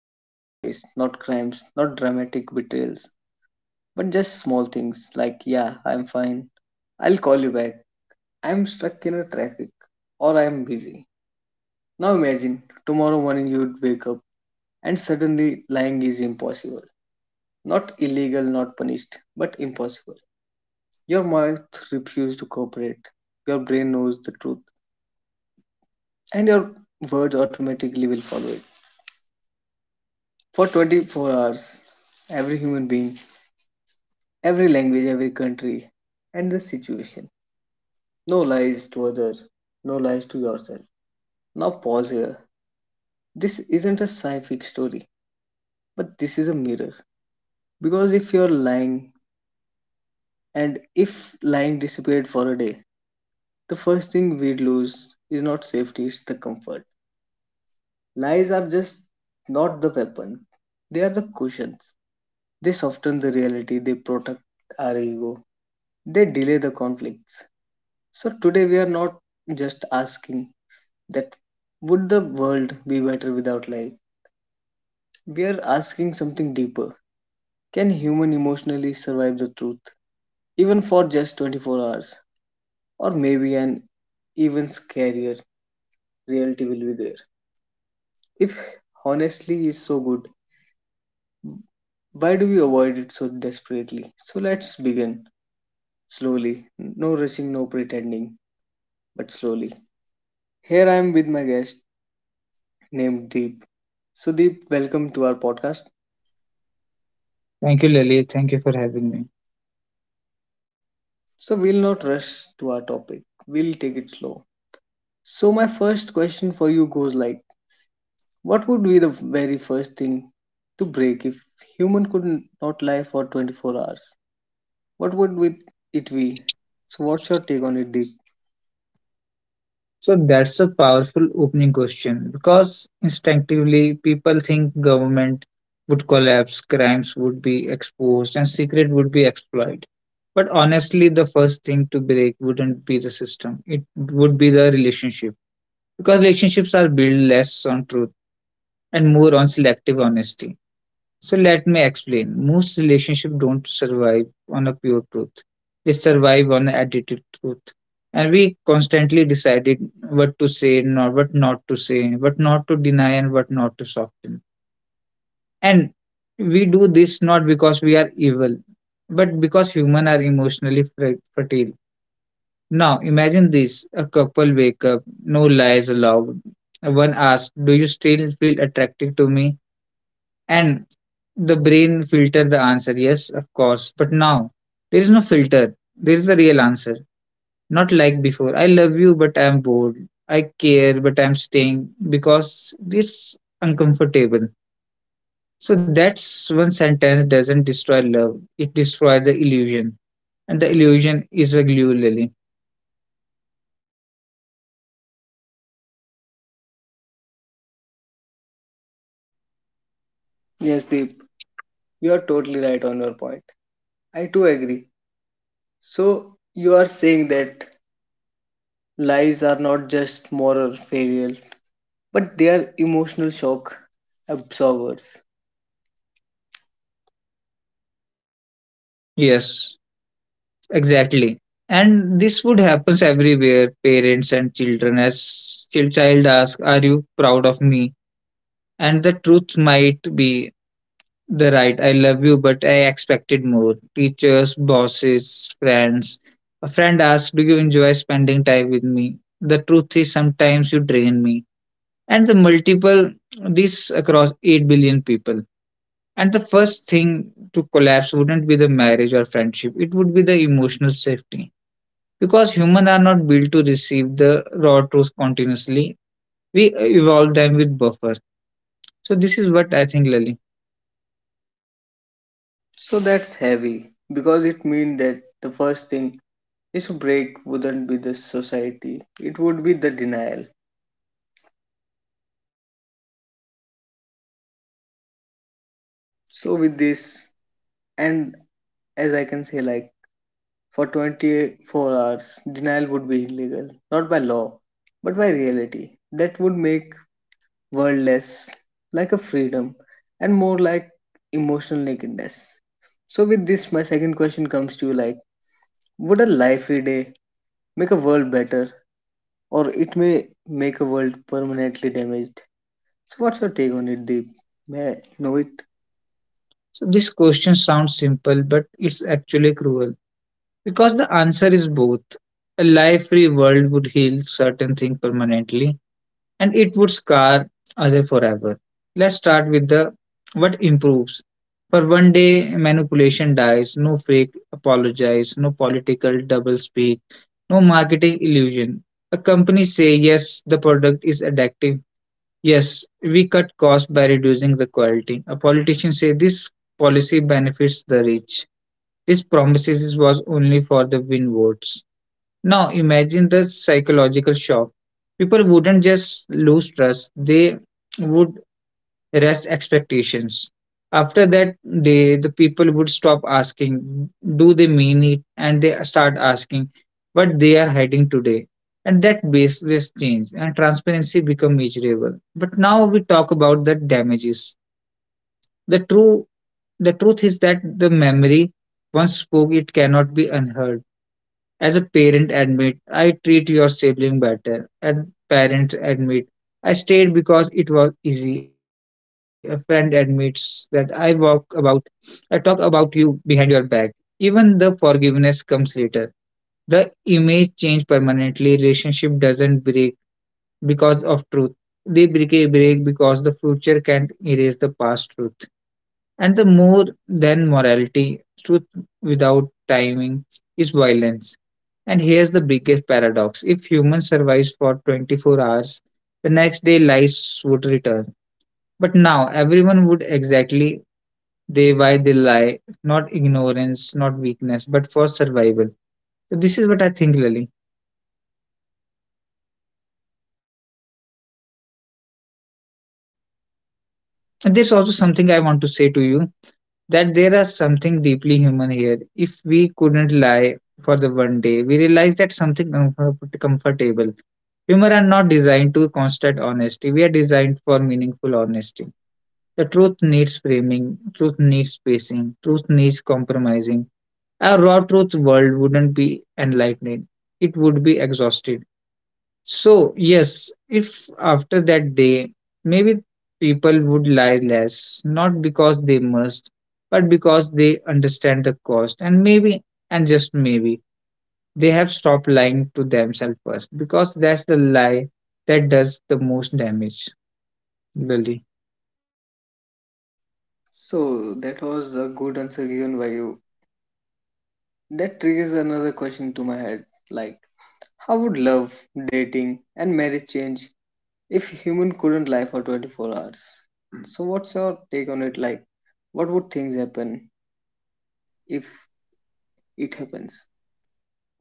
Not big lies, not crimes, not dramatic betrayals, but just small things like, yeah, I'm fine. I'll call you back. I'm stuck in a traffic, or I'm busy. Now imagine tomorrow morning you'd wake up and suddenly, lying is impossible. Not illegal, not punished, but impossible. Your mouth refuses to cooperate. Your brain knows the truth, and your words automatically will follow it. For 24 hours, every human being, every language, every country, and the situation. No lies to others, no lies to yourself. Now, pause here. This isn't a sci fi story, but this is a mirror. Because if you're lying, and if lying disappeared for a day, the first thing we'd lose is not safety, it's the comfort. Lies are just not the weapon, they are the cushions. They soften the reality, they protect our ego, they delay the conflicts. So today we are not just asking that, would the world be better without lies? We are asking something deeper. Can human emotionally survive the truth? Even for just 24 hours? Or maybe an even scarier reality will be there. If honestly is so good, why do we avoid it so desperately? So let's begin slowly. No rushing, no pretending, but slowly. Here I am with my guest named Deep. So, Deep, welcome to our podcast. Thank you, Lily. Thank you for having me. So, we'll not rush to our topic, we'll take it slow. So, my first question for you goes like, what would be the very first thing to break if human could not lie for 24 hours? What would it be? So, what's your take on it, Deep? So that's a powerful opening question because instinctively people think government would collapse, crimes would be exposed, and secret would be exploited. But honestly, the first thing to break wouldn't be the system. It would be the relationship because relationships are built less on truth and more on selective honesty. So let me explain. Most relationships don't survive on a pure truth. They survive on edited truth. And we constantly decided what to say, not what not to say, what not to deny and what not to soften. And we do this not because we are evil, but because humans are emotionally fertile. Now imagine this: a couple wake up, no lies allowed. One asks, do you still feel attracted to me? And the brain filtered the answer, yes of course, but now there is no filter, there is the real answer. Not like before, I love you but I'm bored. I care but I'm staying because it's uncomfortable. So that's one sentence, doesn't destroy love, it destroys the illusion. And the illusion is a glue, Lily. Yes, Deep. You are totally right on your point. I too agree. So, you are saying that lies are not just moral failures, but they are emotional shock absorbers. Yes, exactly. And this would happens everywhere, parents and children. As child ask, are you proud of me? And the truth might be the right, I love you, but I expected more. Teachers, bosses, friends. A friend asked, do you enjoy spending time with me? The truth is, sometimes you drain me. And the multiple, this across 8 billion people. And the first thing to collapse wouldn't be the marriage or friendship, it would be the emotional safety. Because humans are not built to receive the raw truth continuously, we evolve them with buffer. So, this is what I think, Lali. So, that's heavy because it means that the first thing is to break wouldn't be the society, it would be the denial. So, with this, and as I can say, like, for 24 hours, denial would be illegal, not by law, but by reality. That would make world less like a freedom and more like emotional nakedness. So, with this, my second question comes to you like, would a life free day make a world better, or it may make a world permanently damaged? So, what's your take on it, Deep? May I know it? So this question sounds simple, but it's actually cruel because the answer is both. A life-free world would heal certain things permanently, and it would scar other forever. Let's start with the what improves. For one day, manipulation dies. No fake apologize. No political double speak. No marketing illusion. A company say yes, the product is addictive. Yes, we cut costs by reducing the quality. A politician say this policy benefits the rich. This promises was only for the win votes. Now imagine the psychological shock. People wouldn't just lose trust, they would rest expectations. After that day, the people would stop asking, do they mean it? And they start asking, what they are hiding today. And that baseless change and transparency become measurable. But now we talk about the damages. The true the truth is that the memory once spoke it cannot be unheard. As a parent, admit I treat your sibling better. And parents admit I stayed because it was easy. A friend admits that I walk about, I talk about you behind your back. Even the forgiveness comes later. The image change permanently. Relationship doesn't break because of truth. They break because the future can't erase the past truth. And the more than morality, truth without timing is violence. And here's the biggest paradox: if humans survives for 24 hours, the next day lies would return. But now everyone would exactly they why they lie, not ignorance, not weakness, but for survival. So this is what I think, Lily. And there's also something I want to say to you, that there is something deeply human here. If we couldn't lie for the one day, we realize that something comfortable. Humor are not designed to constant honesty. We are designed for meaningful honesty. The truth needs framing, truth needs spacing, truth needs compromising. A raw truth world wouldn't be enlightening. It would be exhausted. So, yes, if after that day, maybe people would lie less, not because they must, but because they understand the cost. And maybe, and just maybe, they have stopped lying to themselves first, because that's the lie that does the most damage, really. So, that was a good answer given by you. That triggers another question to my head like, how would love, dating, and marriage change if human couldn't lie for 24 hours? So what's your take on it? Like, what would things happen if it happens?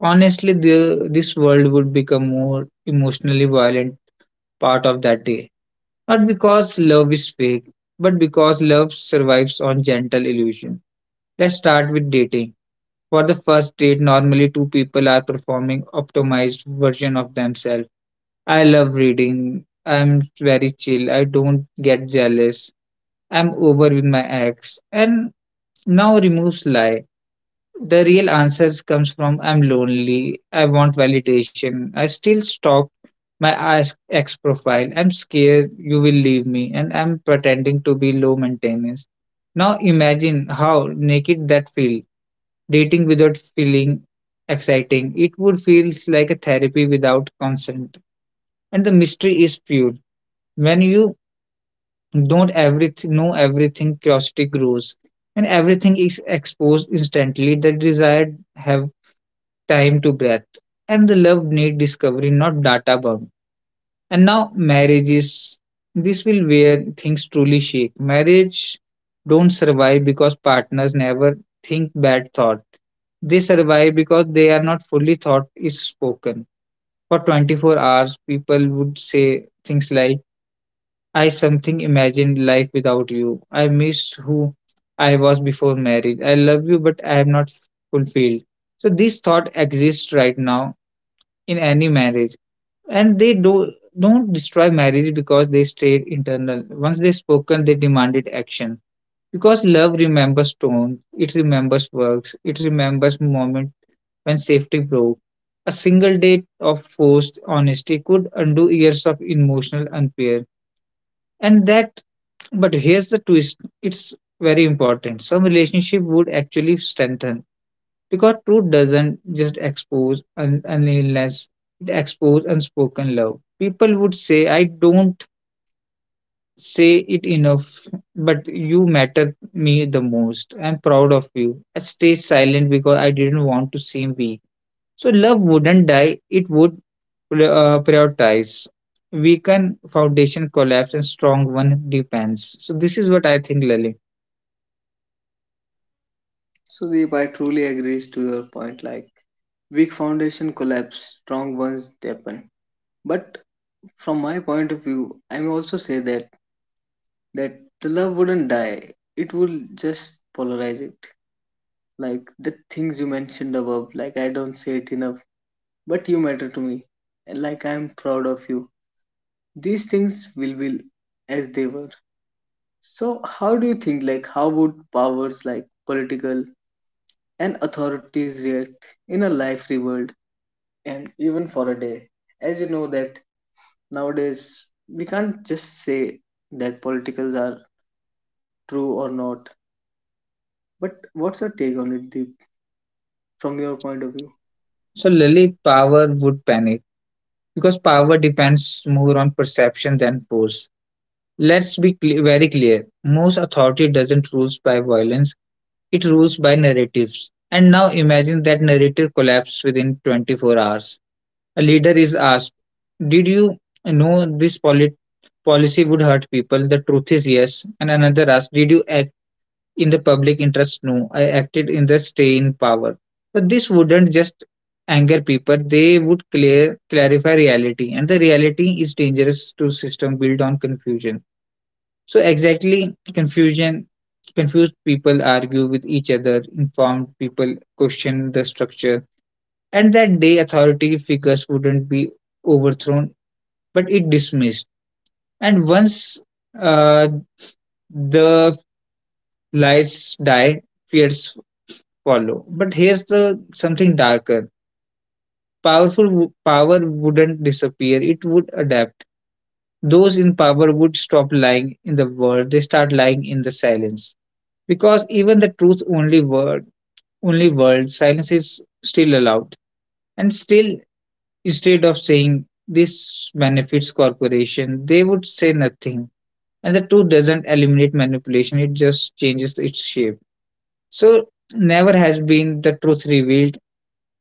Honestly, this world would become more emotionally violent part of that day. Not because love is fake, but because love survives on gentle illusion. Let's start with dating. For the first date, normally two people are performing optimized version of themselves. I love reading. I'm very chill. I don't get jealous. I'm over with my ex. And now removes lie. The real answers comes from I'm lonely, I want validation, I still stalk my ex profile, I'm scared you will leave me, and I'm pretending to be low maintenance. Now imagine how naked that feel. Dating without feeling exciting. It would feels like a therapy without consent. And the mystery is fuel. When you don't everything know everything, curiosity grows. And everything is exposed instantly. The desire have time to breath. And the love need discovery, not data bomb. And now marriages. This will where things truly shake. Marriage don't survive because partners never think bad thought. They survive because they are not fully thought is spoken. For 24 hours, people would say things like, I something imagined life without you. I missed who I was before marriage. I love you, but I am not fulfilled. So this thought exists right now in any marriage, and they do don't destroy marriage because they stayed internal. Once they spoken, they demanded action, because love remembers tone, it remembers works, it remembers moment when safety broke. A single day of forced honesty could undo years of emotional unfair. And that, but here's the twist, it's very important, some relationship would actually strengthen because truth doesn't just expose, unless it exposes unspoken love. People would say, I don't say it enough, but you matter me the most. I'm proud of you. I stay silent because I didn't want to seem weak. So love wouldn't die, it would prioritize. Weaken foundation collapse and strong one depends. So this is what I think, Lily. So Deep, I truly agrees to your point. Like, weak foundation collapse, strong ones deepen. But from my point of view, I may also say that the love wouldn't die. It will just polarize it. Like the things you mentioned above. Like, I don't say it enough, but you matter to me. Like, I'm proud of you. These things will be as they were. So, how do you think, like, how would powers like political and authorities react in a life world and even for a day? As you know, that nowadays we can't just say that politicals are true or not, but what's your take on it, Deep, from your point of view? So Lily, power would panic because power depends more on perception than force. Let's be cle very clear, most authority doesn't rules by violence, it rules by narratives. And now imagine that narrative collapse within 24 hours. A leader is asked, did you know this policy would hurt people? The truth is yes. And another asks, did you in the public interest? No, I acted in the stay in power. But this wouldn't just anger people, they would clear clarify reality, and the reality is dangerous to system built on confusion. So exactly, confusion. Confused people argue with each other, informed people question the structure. And that day authority figures wouldn't be overthrown, but it dismissed. And once uh, the lies die, fears follow. But here's the something darker. Power wouldn't disappear; it would adapt. Those in power would stop lying in the world; they start lying in the silence. Because even the truth only word, only world, silence is still allowed. And still, instead of saying this benefits corporation, they would say nothing. And the truth doesn't eliminate manipulation; it just changes its shape. So never has been the truth revealed,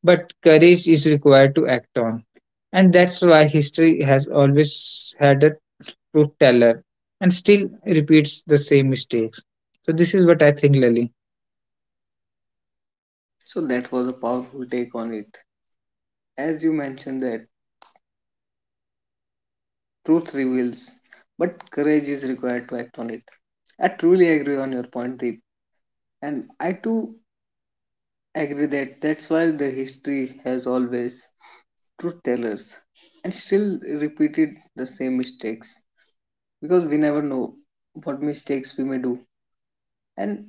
but courage is required to act on. And that's why history has always had a truth teller and still repeats the same mistakes. So, this is what I think, Lali. So, that was a powerful take on it. As you mentioned, that truth reveals, but courage is required to act on it. I truly agree on your point, Deep. And I too agree that that's why the history has always truth tellers and still repeated the same mistakes, because we never know what mistakes we may do, and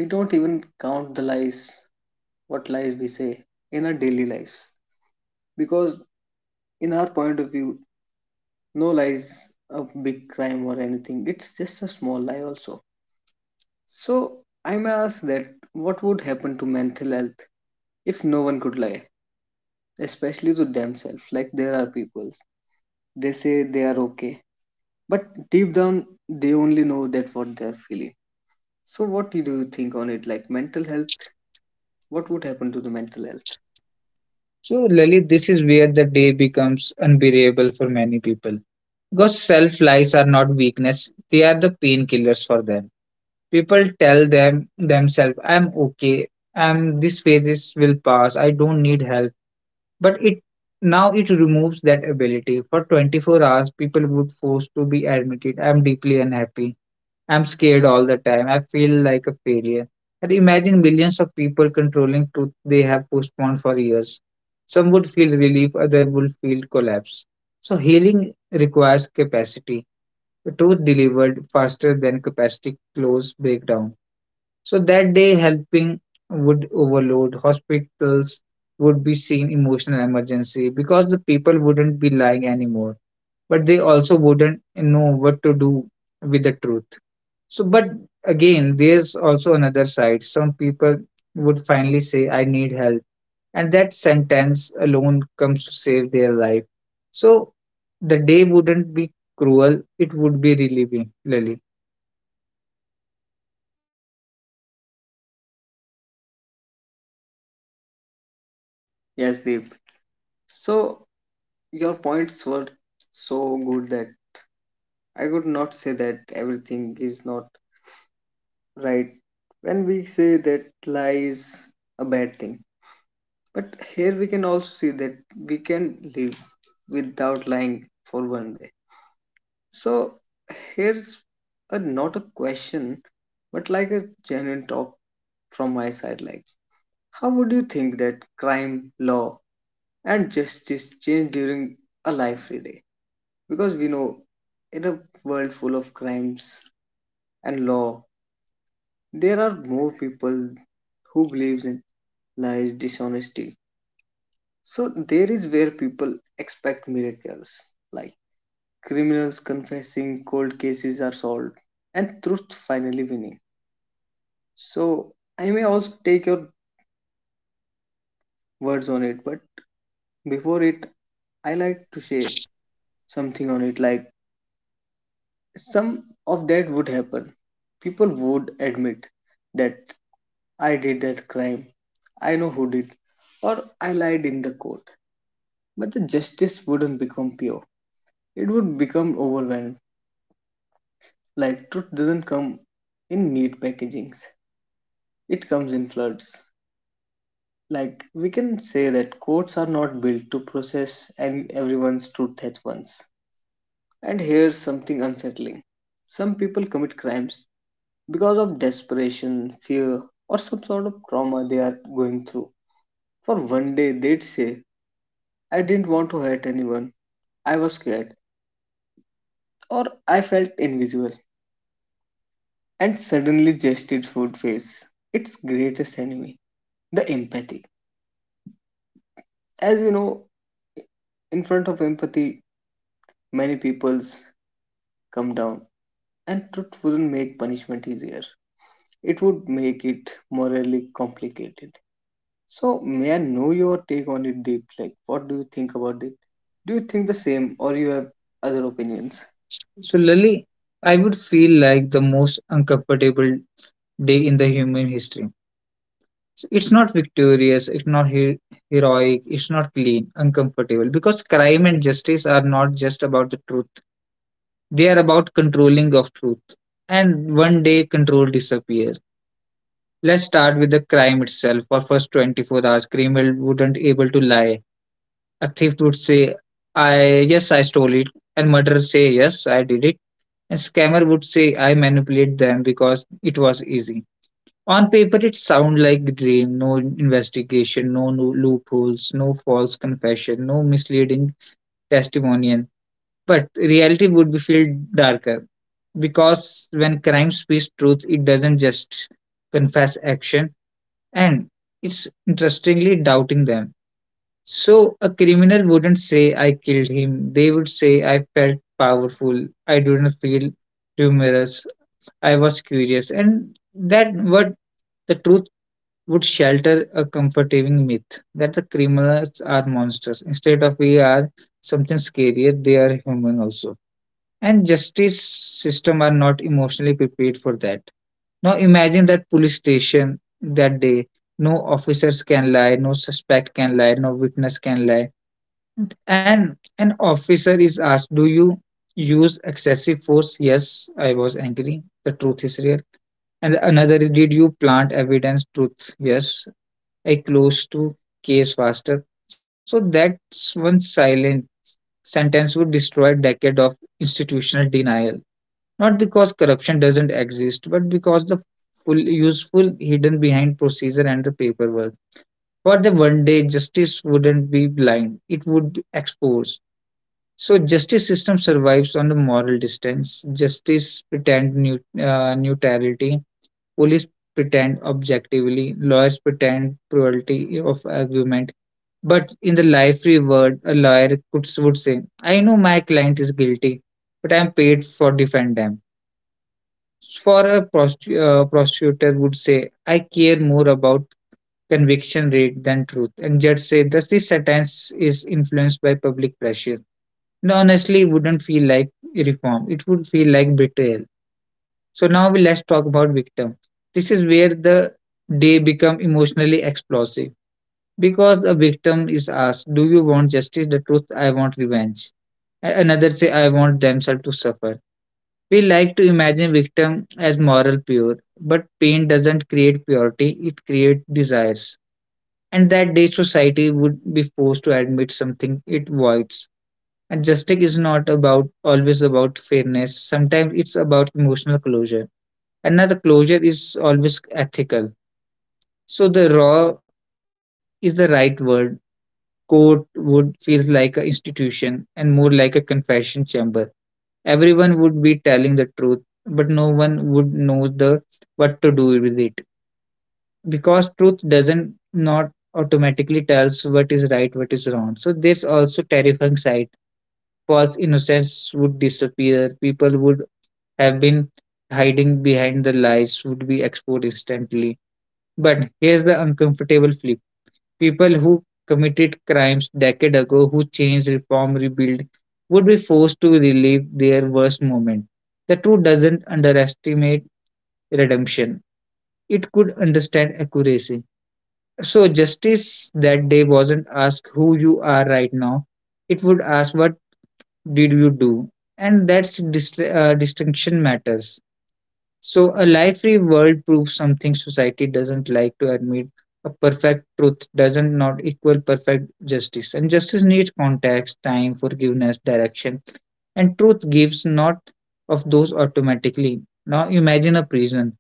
we don't even count the lies what lies we say in our daily lives, because in our point of view, no lies a big crime or anything, it's just a small lie also. So I may ask that, what would happen to mental health if no one could lie, especially to themselves? Like, there are people they say they are okay, but deep down they only know that what they are feeling. So what do you think on it? Like, mental health, what would happen to the mental health? So, Lali, this is where the day becomes unbearable for many people. Because self lies are not weakness, they are the painkillers for them. People tell them themselves, I'm okay, I'm this phases will pass, I don't need help. But it, now it removes that ability. For 24 hours, people would force to be admitted, I'm deeply unhappy, I'm scared all the time, I feel like a failure. And imagine millions of people controlling truth they have postponed for years. Some would feel relief, others would feel collapse. So healing requires capacity. The truth delivered faster than capacity close breakdown. So that day, helping would overload. Hospitals would be seen emotional emergency because the people wouldn't be lying anymore, but they also wouldn't know what to do with the truth. So, but again, there's also another side. Some people would finally say, I need help. And that sentence alone comes to save their life. So the day wouldn't be cruel, it would be relieving, Lily. Yes, Deep. So your points were so good that I could not say that everything is not right when we say that lie is a bad thing. But here we can also see that we can live without lying for one day. So here's a, not a question, but like a genuine talk from my side. Like, how would you think that crime, law, and justice change during a life day? Because we know in a world full of crimes and law, there are more people who believes in lies, dishonesty. So there is where people expect miracles. Like, criminals confessing, cold cases are solved, and truth finally winning. So, I may also take your words on it, but before it, I like to say something on it like, some of that would happen. People would admit that, I did that crime, I know who did, or I lied in the court. But the justice wouldn't become pure, it would become overwhelmed. Like, truth doesn't come in neat packagings, it comes in floods. Like, we can say that courts are not built to process and everyone's truth at once. And here's something unsettling. Some people commit crimes because of desperation, fear, or some sort of trauma they are going through. For one day they'd say, I didn't want to hurt anyone. I was scared, or I felt invisible, and suddenly justice would face its greatest enemy, the empathy. As we know, in front of empathy, many peoples come down. And truth wouldn't make punishment easier, it would make it morally complicated. So, may I know your take on it, Deep? Like, what do you think about it? Do you think the same, or you have other opinions? So, Lily, I would feel like the most uncomfortable day in the human history. So it's not victorious, it's not heroic, it's not clean, uncomfortable. Because crime and justice are not just about the truth, they are about controlling of truth. And one day, control disappears. Let's start with the crime itself. For first 24 hours, criminal wouldn't able to lie. A thief would say, "I yes, I stole it," and murderer say, "Yes, I did it." And scammer would say I manipulate them because it was easy. On paper, it sounds like a dream. No investigation, no loopholes, no false confession, no misleading testimonial. But reality would be filled darker because when crime speaks truth, it doesn't just confess action and it's interestingly doubting them. So a criminal wouldn't say I killed him. They would say, "I felt powerful. I didn't feel humorous. I was curious." And that what the truth would shelter a comforting myth that the criminals are monsters. Instead of we are something scarier, they are human also. And justice system are not emotionally prepared for that. Now imagine that police station that day. No officers can lie, no suspect can lie, no witness can lie and an officer is asked, "Do you use excessive force?" "Yes, I was angry." The truth is real. And another is, "Did you plant evidence?" Truth. "Yes, I closed to case faster." So that's one silent sentence would destroy a decade of institutional denial. Not because corruption doesn't exist, but because the full useful hidden behind procedure and the paperwork. For the one day, justice wouldn't be blind, it would be exposed. So justice system survives on the moral distance. Justice pretend new, neutrality. Police pretend objectively. Lawyers pretend cruelty of argument. But in the life reward, a lawyer could would say, "I know my client is guilty, but I am paid for defend them." For a prosecutor would say, "I care more about conviction rate than truth," and judge say, "Thus, this sentence is influenced by public pressure." It honestly wouldn't feel like reform. It would feel like betrayal. So now we let's talk about victim. This is where the day become emotionally explosive because a victim is asked, "Do you want justice?" The truth, "I want revenge." Another say, "I want themselves to suffer." We like to imagine victim as moral pure, but pain doesn't create purity; it creates desires. And that day, society would be forced to admit something it voids and justice is not about always about fairness. Sometimes it's about emotional closure. Another closure is always ethical. So the raw is the right word. Court would feel like an institution and more like a confession chamber. Everyone would be telling the truth, but no one would know the what to do with it because truth doesn't not automatically tells what is right, what is wrong. So this also terrifying side false innocence would disappear. People would have been hiding behind the lies would be exposed instantly. But here's the uncomfortable flip. People who committed crimes decade ago, who changed, reform, rebuild, would be forced to relive their worst moment. The truth doesn't underestimate redemption. It could understand accuracy. So justice that day wasn't ask who you are right now. It would ask what did you do? And that's distinction matters. So a life-free world proves something society doesn't like to admit. A perfect truth doesn't not equal perfect justice, and justice needs context, time, forgiveness, direction, and truth gives not of those automatically. Now imagine a prison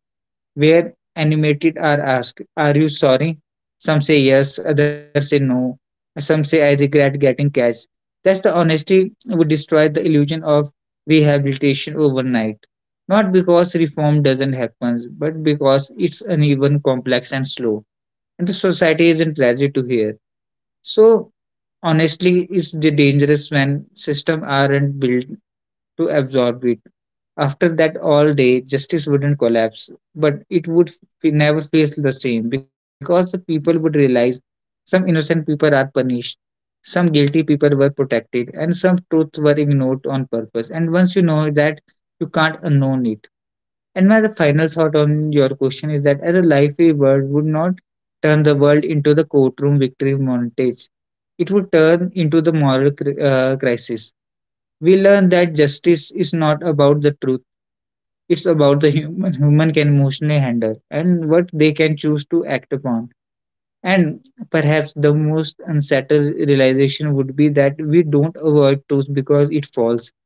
where animated are asked, "Are you sorry?" Some say yes, others say no. Some say, "I regret getting cash." That's the honesty would destroy the illusion of rehabilitation overnight. Not because reform doesn't happen, but because it's uneven, complex, and slow. And the society isn't ready to hear. So honestly, it's the dangerous when systems aren't built to absorb it. After that all day, justice wouldn't collapse, but it would never feel the same because the people would realize some innocent people are punished, some guilty people were protected, and some truths were ignored on purpose. And once you know that, you can't unknown it. And my the final thought on your question is that as a life reward would not turn the world into the courtroom victory montage. It would turn into the moral crisis. We learn that justice is not about the truth. It's about the human can emotionally handle and what they can choose to act upon. And perhaps the most unsettled realization would be that we don't avoid truth because it falls.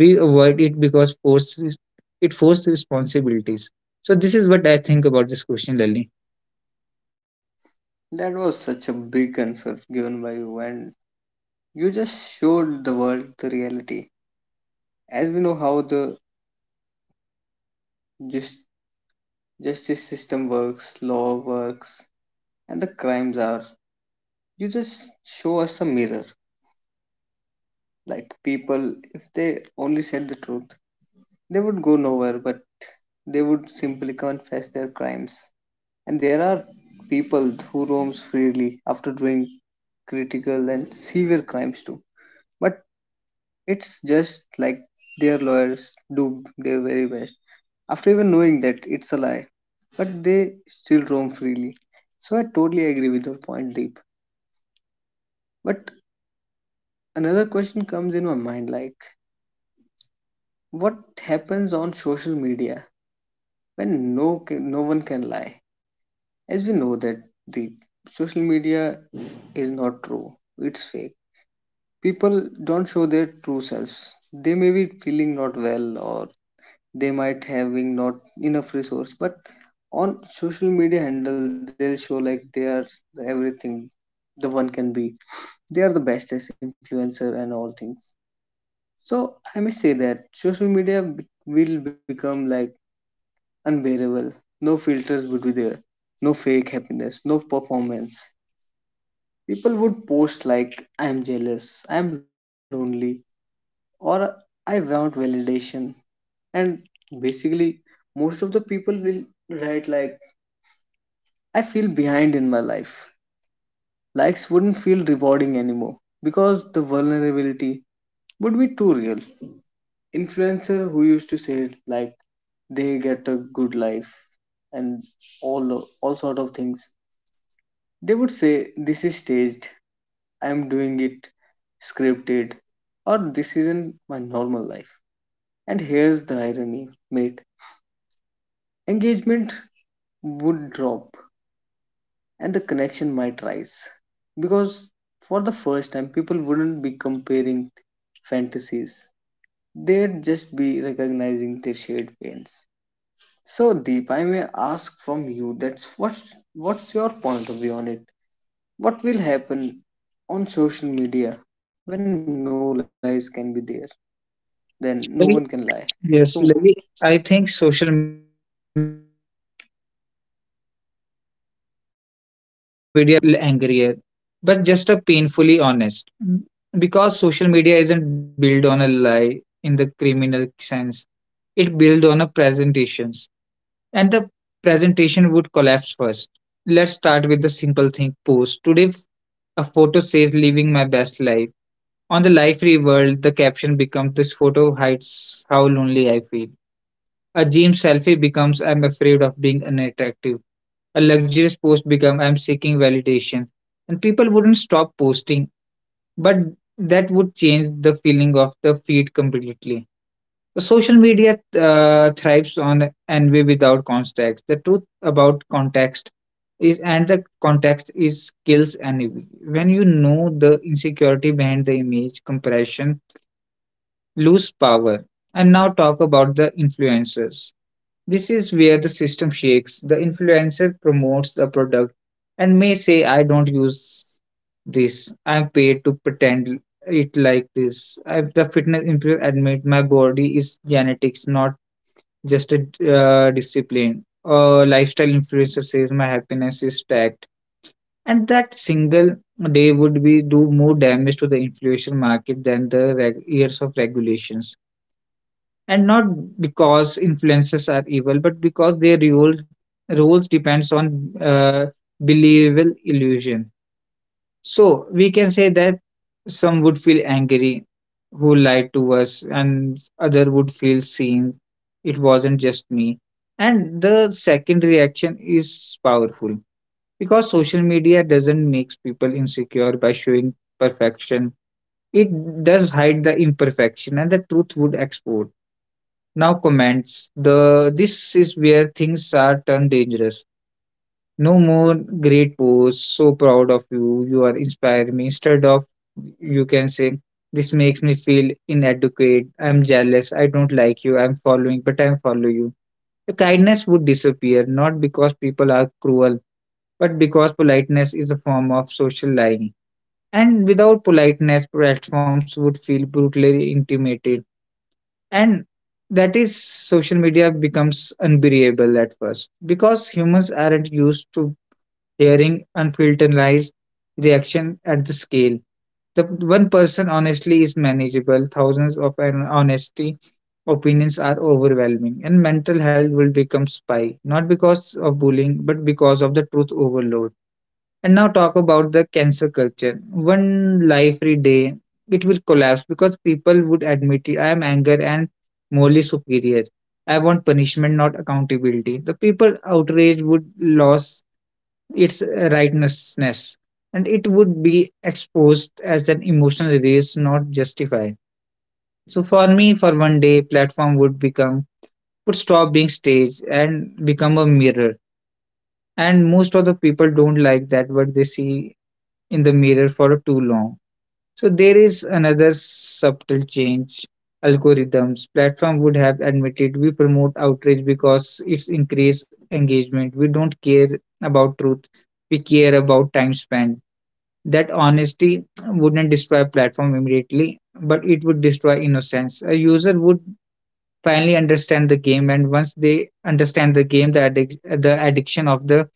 We avoid it because force it forces responsibilities. So this is what I think about this question, Lali. That was such a big answer given by you, and you just showed the world the reality. As we know how the just, justice system works, law works, and the crimes are, you just show us a mirror. Like, people, if they only said the truth, they would go nowhere, but they would simply confess their crimes. And there are people who roams freely after doing critical and severe crimes too. But it's just like their lawyers do their very best after even knowing that it's a lie, but they still roam freely. So I totally agree with your point, Deep. But another question comes in my mind like, what happens on social media when no one can lie? As we know that the social media is not true, it's fake. People don't show their true selves. They may be feeling not well, or they might having not enough resource, but on social media handle they'll show like they are the everything the one can be, they are the bestest influencer and all things. So I may say that will become like unbearable. No filters would be there, no fake happiness, no performance. People would post like, I'm jealous, I'm lonely, or I want validation. And basically, most of the people will write like, I feel behind in my life. Likes wouldn't feel rewarding anymore because the vulnerability would be too real. Influencer who used to say like they get a good life and all sort of things, they would say this is staged, I'm doing it scripted, or this isn't my normal life. And here's the irony, mate. Engagement would drop and the connection might rise. Because for the first time, people wouldn't be comparing fantasies, they'd just be recognizing their shared pains. So, Deep, I may ask from you that's what's your point of view on it? What will happen on social media when no lies can be there, then no one can lie? Lali, So yes, Lali. I think social media would feel unrecognizable. Not louder, not angrier, but just a painfully honest. Mm. Because social media isn't built on a lie in the criminal sense, it built on a presentations. And the presentation would collapse first. Let's start with the simple thing post. Today, a photo says living my best life. On the live free world, the caption becomes this photo hides how lonely I feel. A gym selfie becomes I'm afraid of being unattractive, a luxurious post become I'm seeking validation. And people wouldn't stop posting, but that would change the feeling of the feed completely. So social media thrives on envy without context. The truth about context is and the context is kills envy. When you know the insecurity behind the image comparison lose power. And now talk about the influencers. This is where the system shakes. The influencer promotes the product and may say, "I don't use this. I'm paid to pretend it like this." If the fitness influencer admit my body is genetics, not just a discipline. A lifestyle influencer says my happiness is tagged. And that single day would be do more damage to the influencer market than the years of regulations, and not because influences are evil but because their rules depends on believable illusion. So we can say that some would feel angry who lied to us and other would feel seen, it wasn't just me. And the second reaction is powerful because social media doesn't make people insecure by showing perfection, it does hide the imperfection and the truth would expose. Now comments. The This is where things are turned dangerous. No more great posts. So proud of you. You are inspiring me. Instead of you can say, "This makes me feel inadequate. I'm jealous. I don't like you. I'm following, but I'm follow you." The kindness would disappear not because people are cruel, but because politeness is a form of social lying. And without politeness, platforms would feel brutally intimate. And that is social media becomes unbearable at first because humans aren't used to hearing unfiltered lies reaction at the scale. The one person honestly is manageable, thousands of an honesty opinions are overwhelming, and mental health will become spike not because of bullying but because of the truth overload. And now talk about the cancel culture. One life free day, it will collapse because people would admit it. I am anger and morally superior. I want punishment, not accountability. The people outrage would lose its rightnessness, and it would be exposed as an emotional release, not justified. So for me, for one day, platform would become would stop being stage and become a mirror. And most of the people don't like that, but they see in the mirror for too long. So there is another subtle change algorithms platform would have admitted we promote outrage because it's increased engagement, we don't care about truth, we care about time spent. That honesty wouldn't destroy platform immediately but it would destroy innocence. A user would finally understand the game and once they understand the game, the addiction of the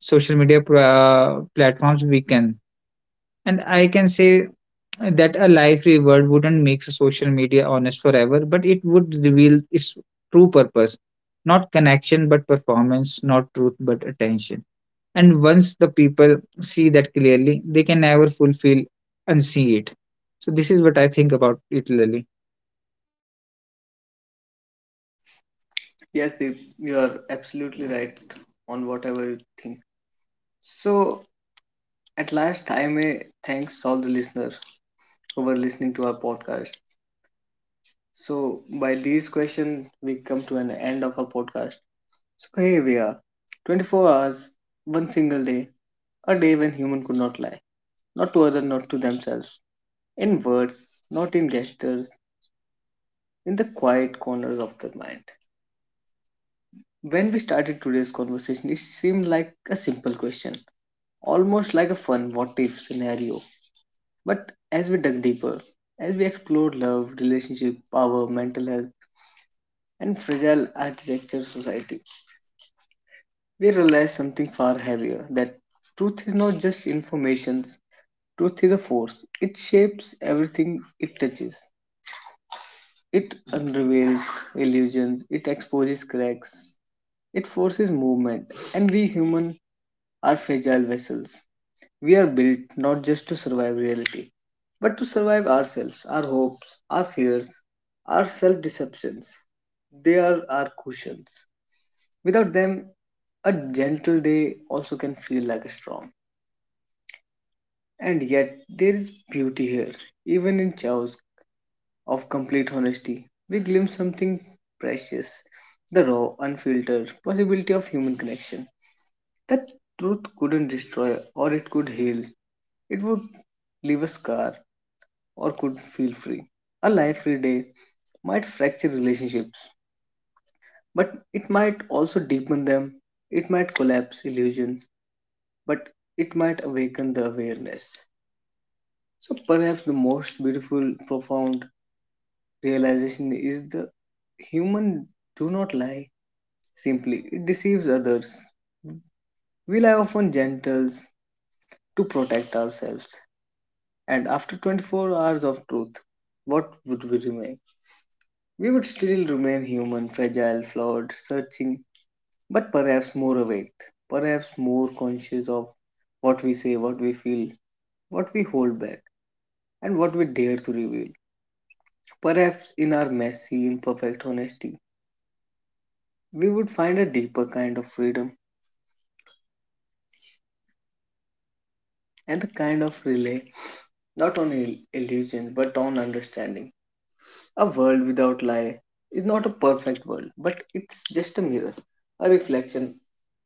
social media platforms weaken. And I can say that a life reward wouldn't make social media honest forever, but it would reveal its true purpose, not connection but performance, not truth but attention. And once the people see that clearly, they can never fulfill and see it. So, this is what I think about it, Lily. yes, they you are absolutely right on whatever you think. So at last, I may thanks all the listeners who were listening to our podcast. So by these questions, we come to an end of our podcast. So here we are, 24 hours, one single day, a day when human could not lie, not to other, not to themselves, in words, not in gestures, in the quiet corners of the mind. When we started today's conversation, it seemed like a simple question, almost like a fun what if scenario. But as we dug deeper, as we explored love, relationship, power, mental health, and fragile architecture society, we realized something far heavier that truth is not just information, truth is a force. It shapes everything it touches, it unravels illusions, it exposes cracks, it forces movement, and we human are fragile vessels. We are built not just to survive reality, but to survive ourselves, our hopes, our fears, our self deceptions. They are our cushions. Without them, a gentle day also can feel like a storm. And yet, there is beauty here. Even in chaos of complete honesty, we glimpse something precious, the raw, unfiltered possibility of human connection. That truth couldn't destroy or it could heal, it would leave a scar, or could feel free. A life free day might fracture relationships, but it might also deepen them. It might collapse illusions, but it might awaken the awareness. So perhaps the most beautiful, profound realization is the human do not lie simply, it deceives others. We lie often gentles to protect ourselves. And after 24 hours of truth, what would we remain? We would still remain human, fragile, flawed, searching, but perhaps more awake, perhaps more conscious of what we say, what we feel, what we hold back, and what we dare to reveal. Perhaps in our messy, imperfect honesty, we would find a deeper kind of freedom, and the kind of relay not on illusion but on understanding. A world without lie is not a perfect world, but it's just a mirror, a reflection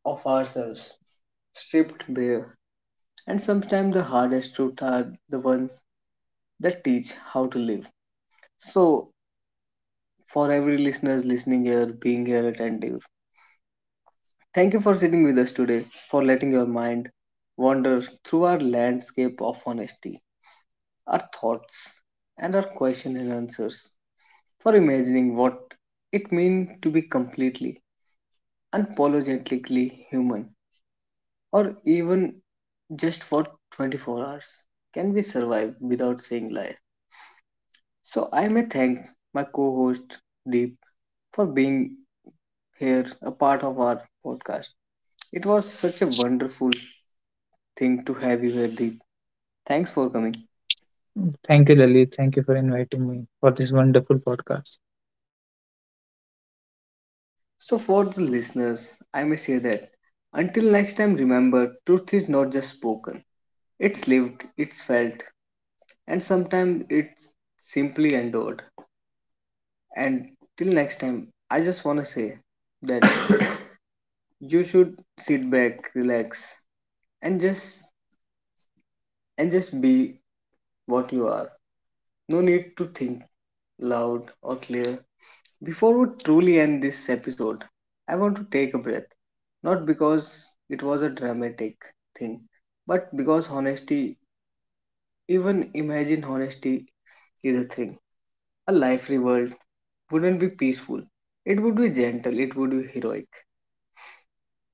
of ourselves, stripped bare. And sometimes the hardest truths are the ones that teach how to live. So, for every listeners listening here, being here attentive, thank you for sitting with us today, for letting your mind wander through our landscape of honesty, our thoughts, and our question and answers, for imagining what it means to be completely, unapologetically human, or even just for 24 hours. Can we survive without saying lie? So I may thank my co-host Deep for being here a part of our podcast. It was such a wonderful thing to have you here, Deep. Thanks for coming. Thank you, Lily. Thank you for inviting me for this wonderful podcast. So for the listeners, I may say that until next time remember truth is not just spoken. It's lived, it's felt, and sometimes it's simply endured. And till next time, I just wanna say that you should sit back, relax, and just and just be what you are. No need to think loud or clear. Before we truly end this episode, I want to take a breath. Not because it was a dramatic thing, but because honesty, even imagine honesty, is a thing. A life revolt wouldn't be peaceful. It would be gentle, it would be heroic.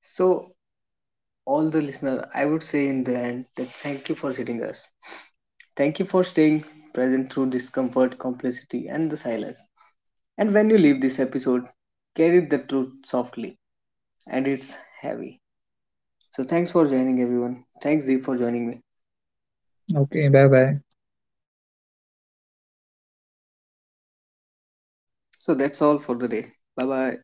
So, all the listener, I would say in the end that, thank you for sitting us. Thank you for staying present through discomfort, complexity, and the silence. And when you leave this episode, carry the truth softly and it's heavy. So, thanks for joining everyone. Thanks, Deep, for joining me. Okay, bye bye. So, that's all for the day. Bye bye.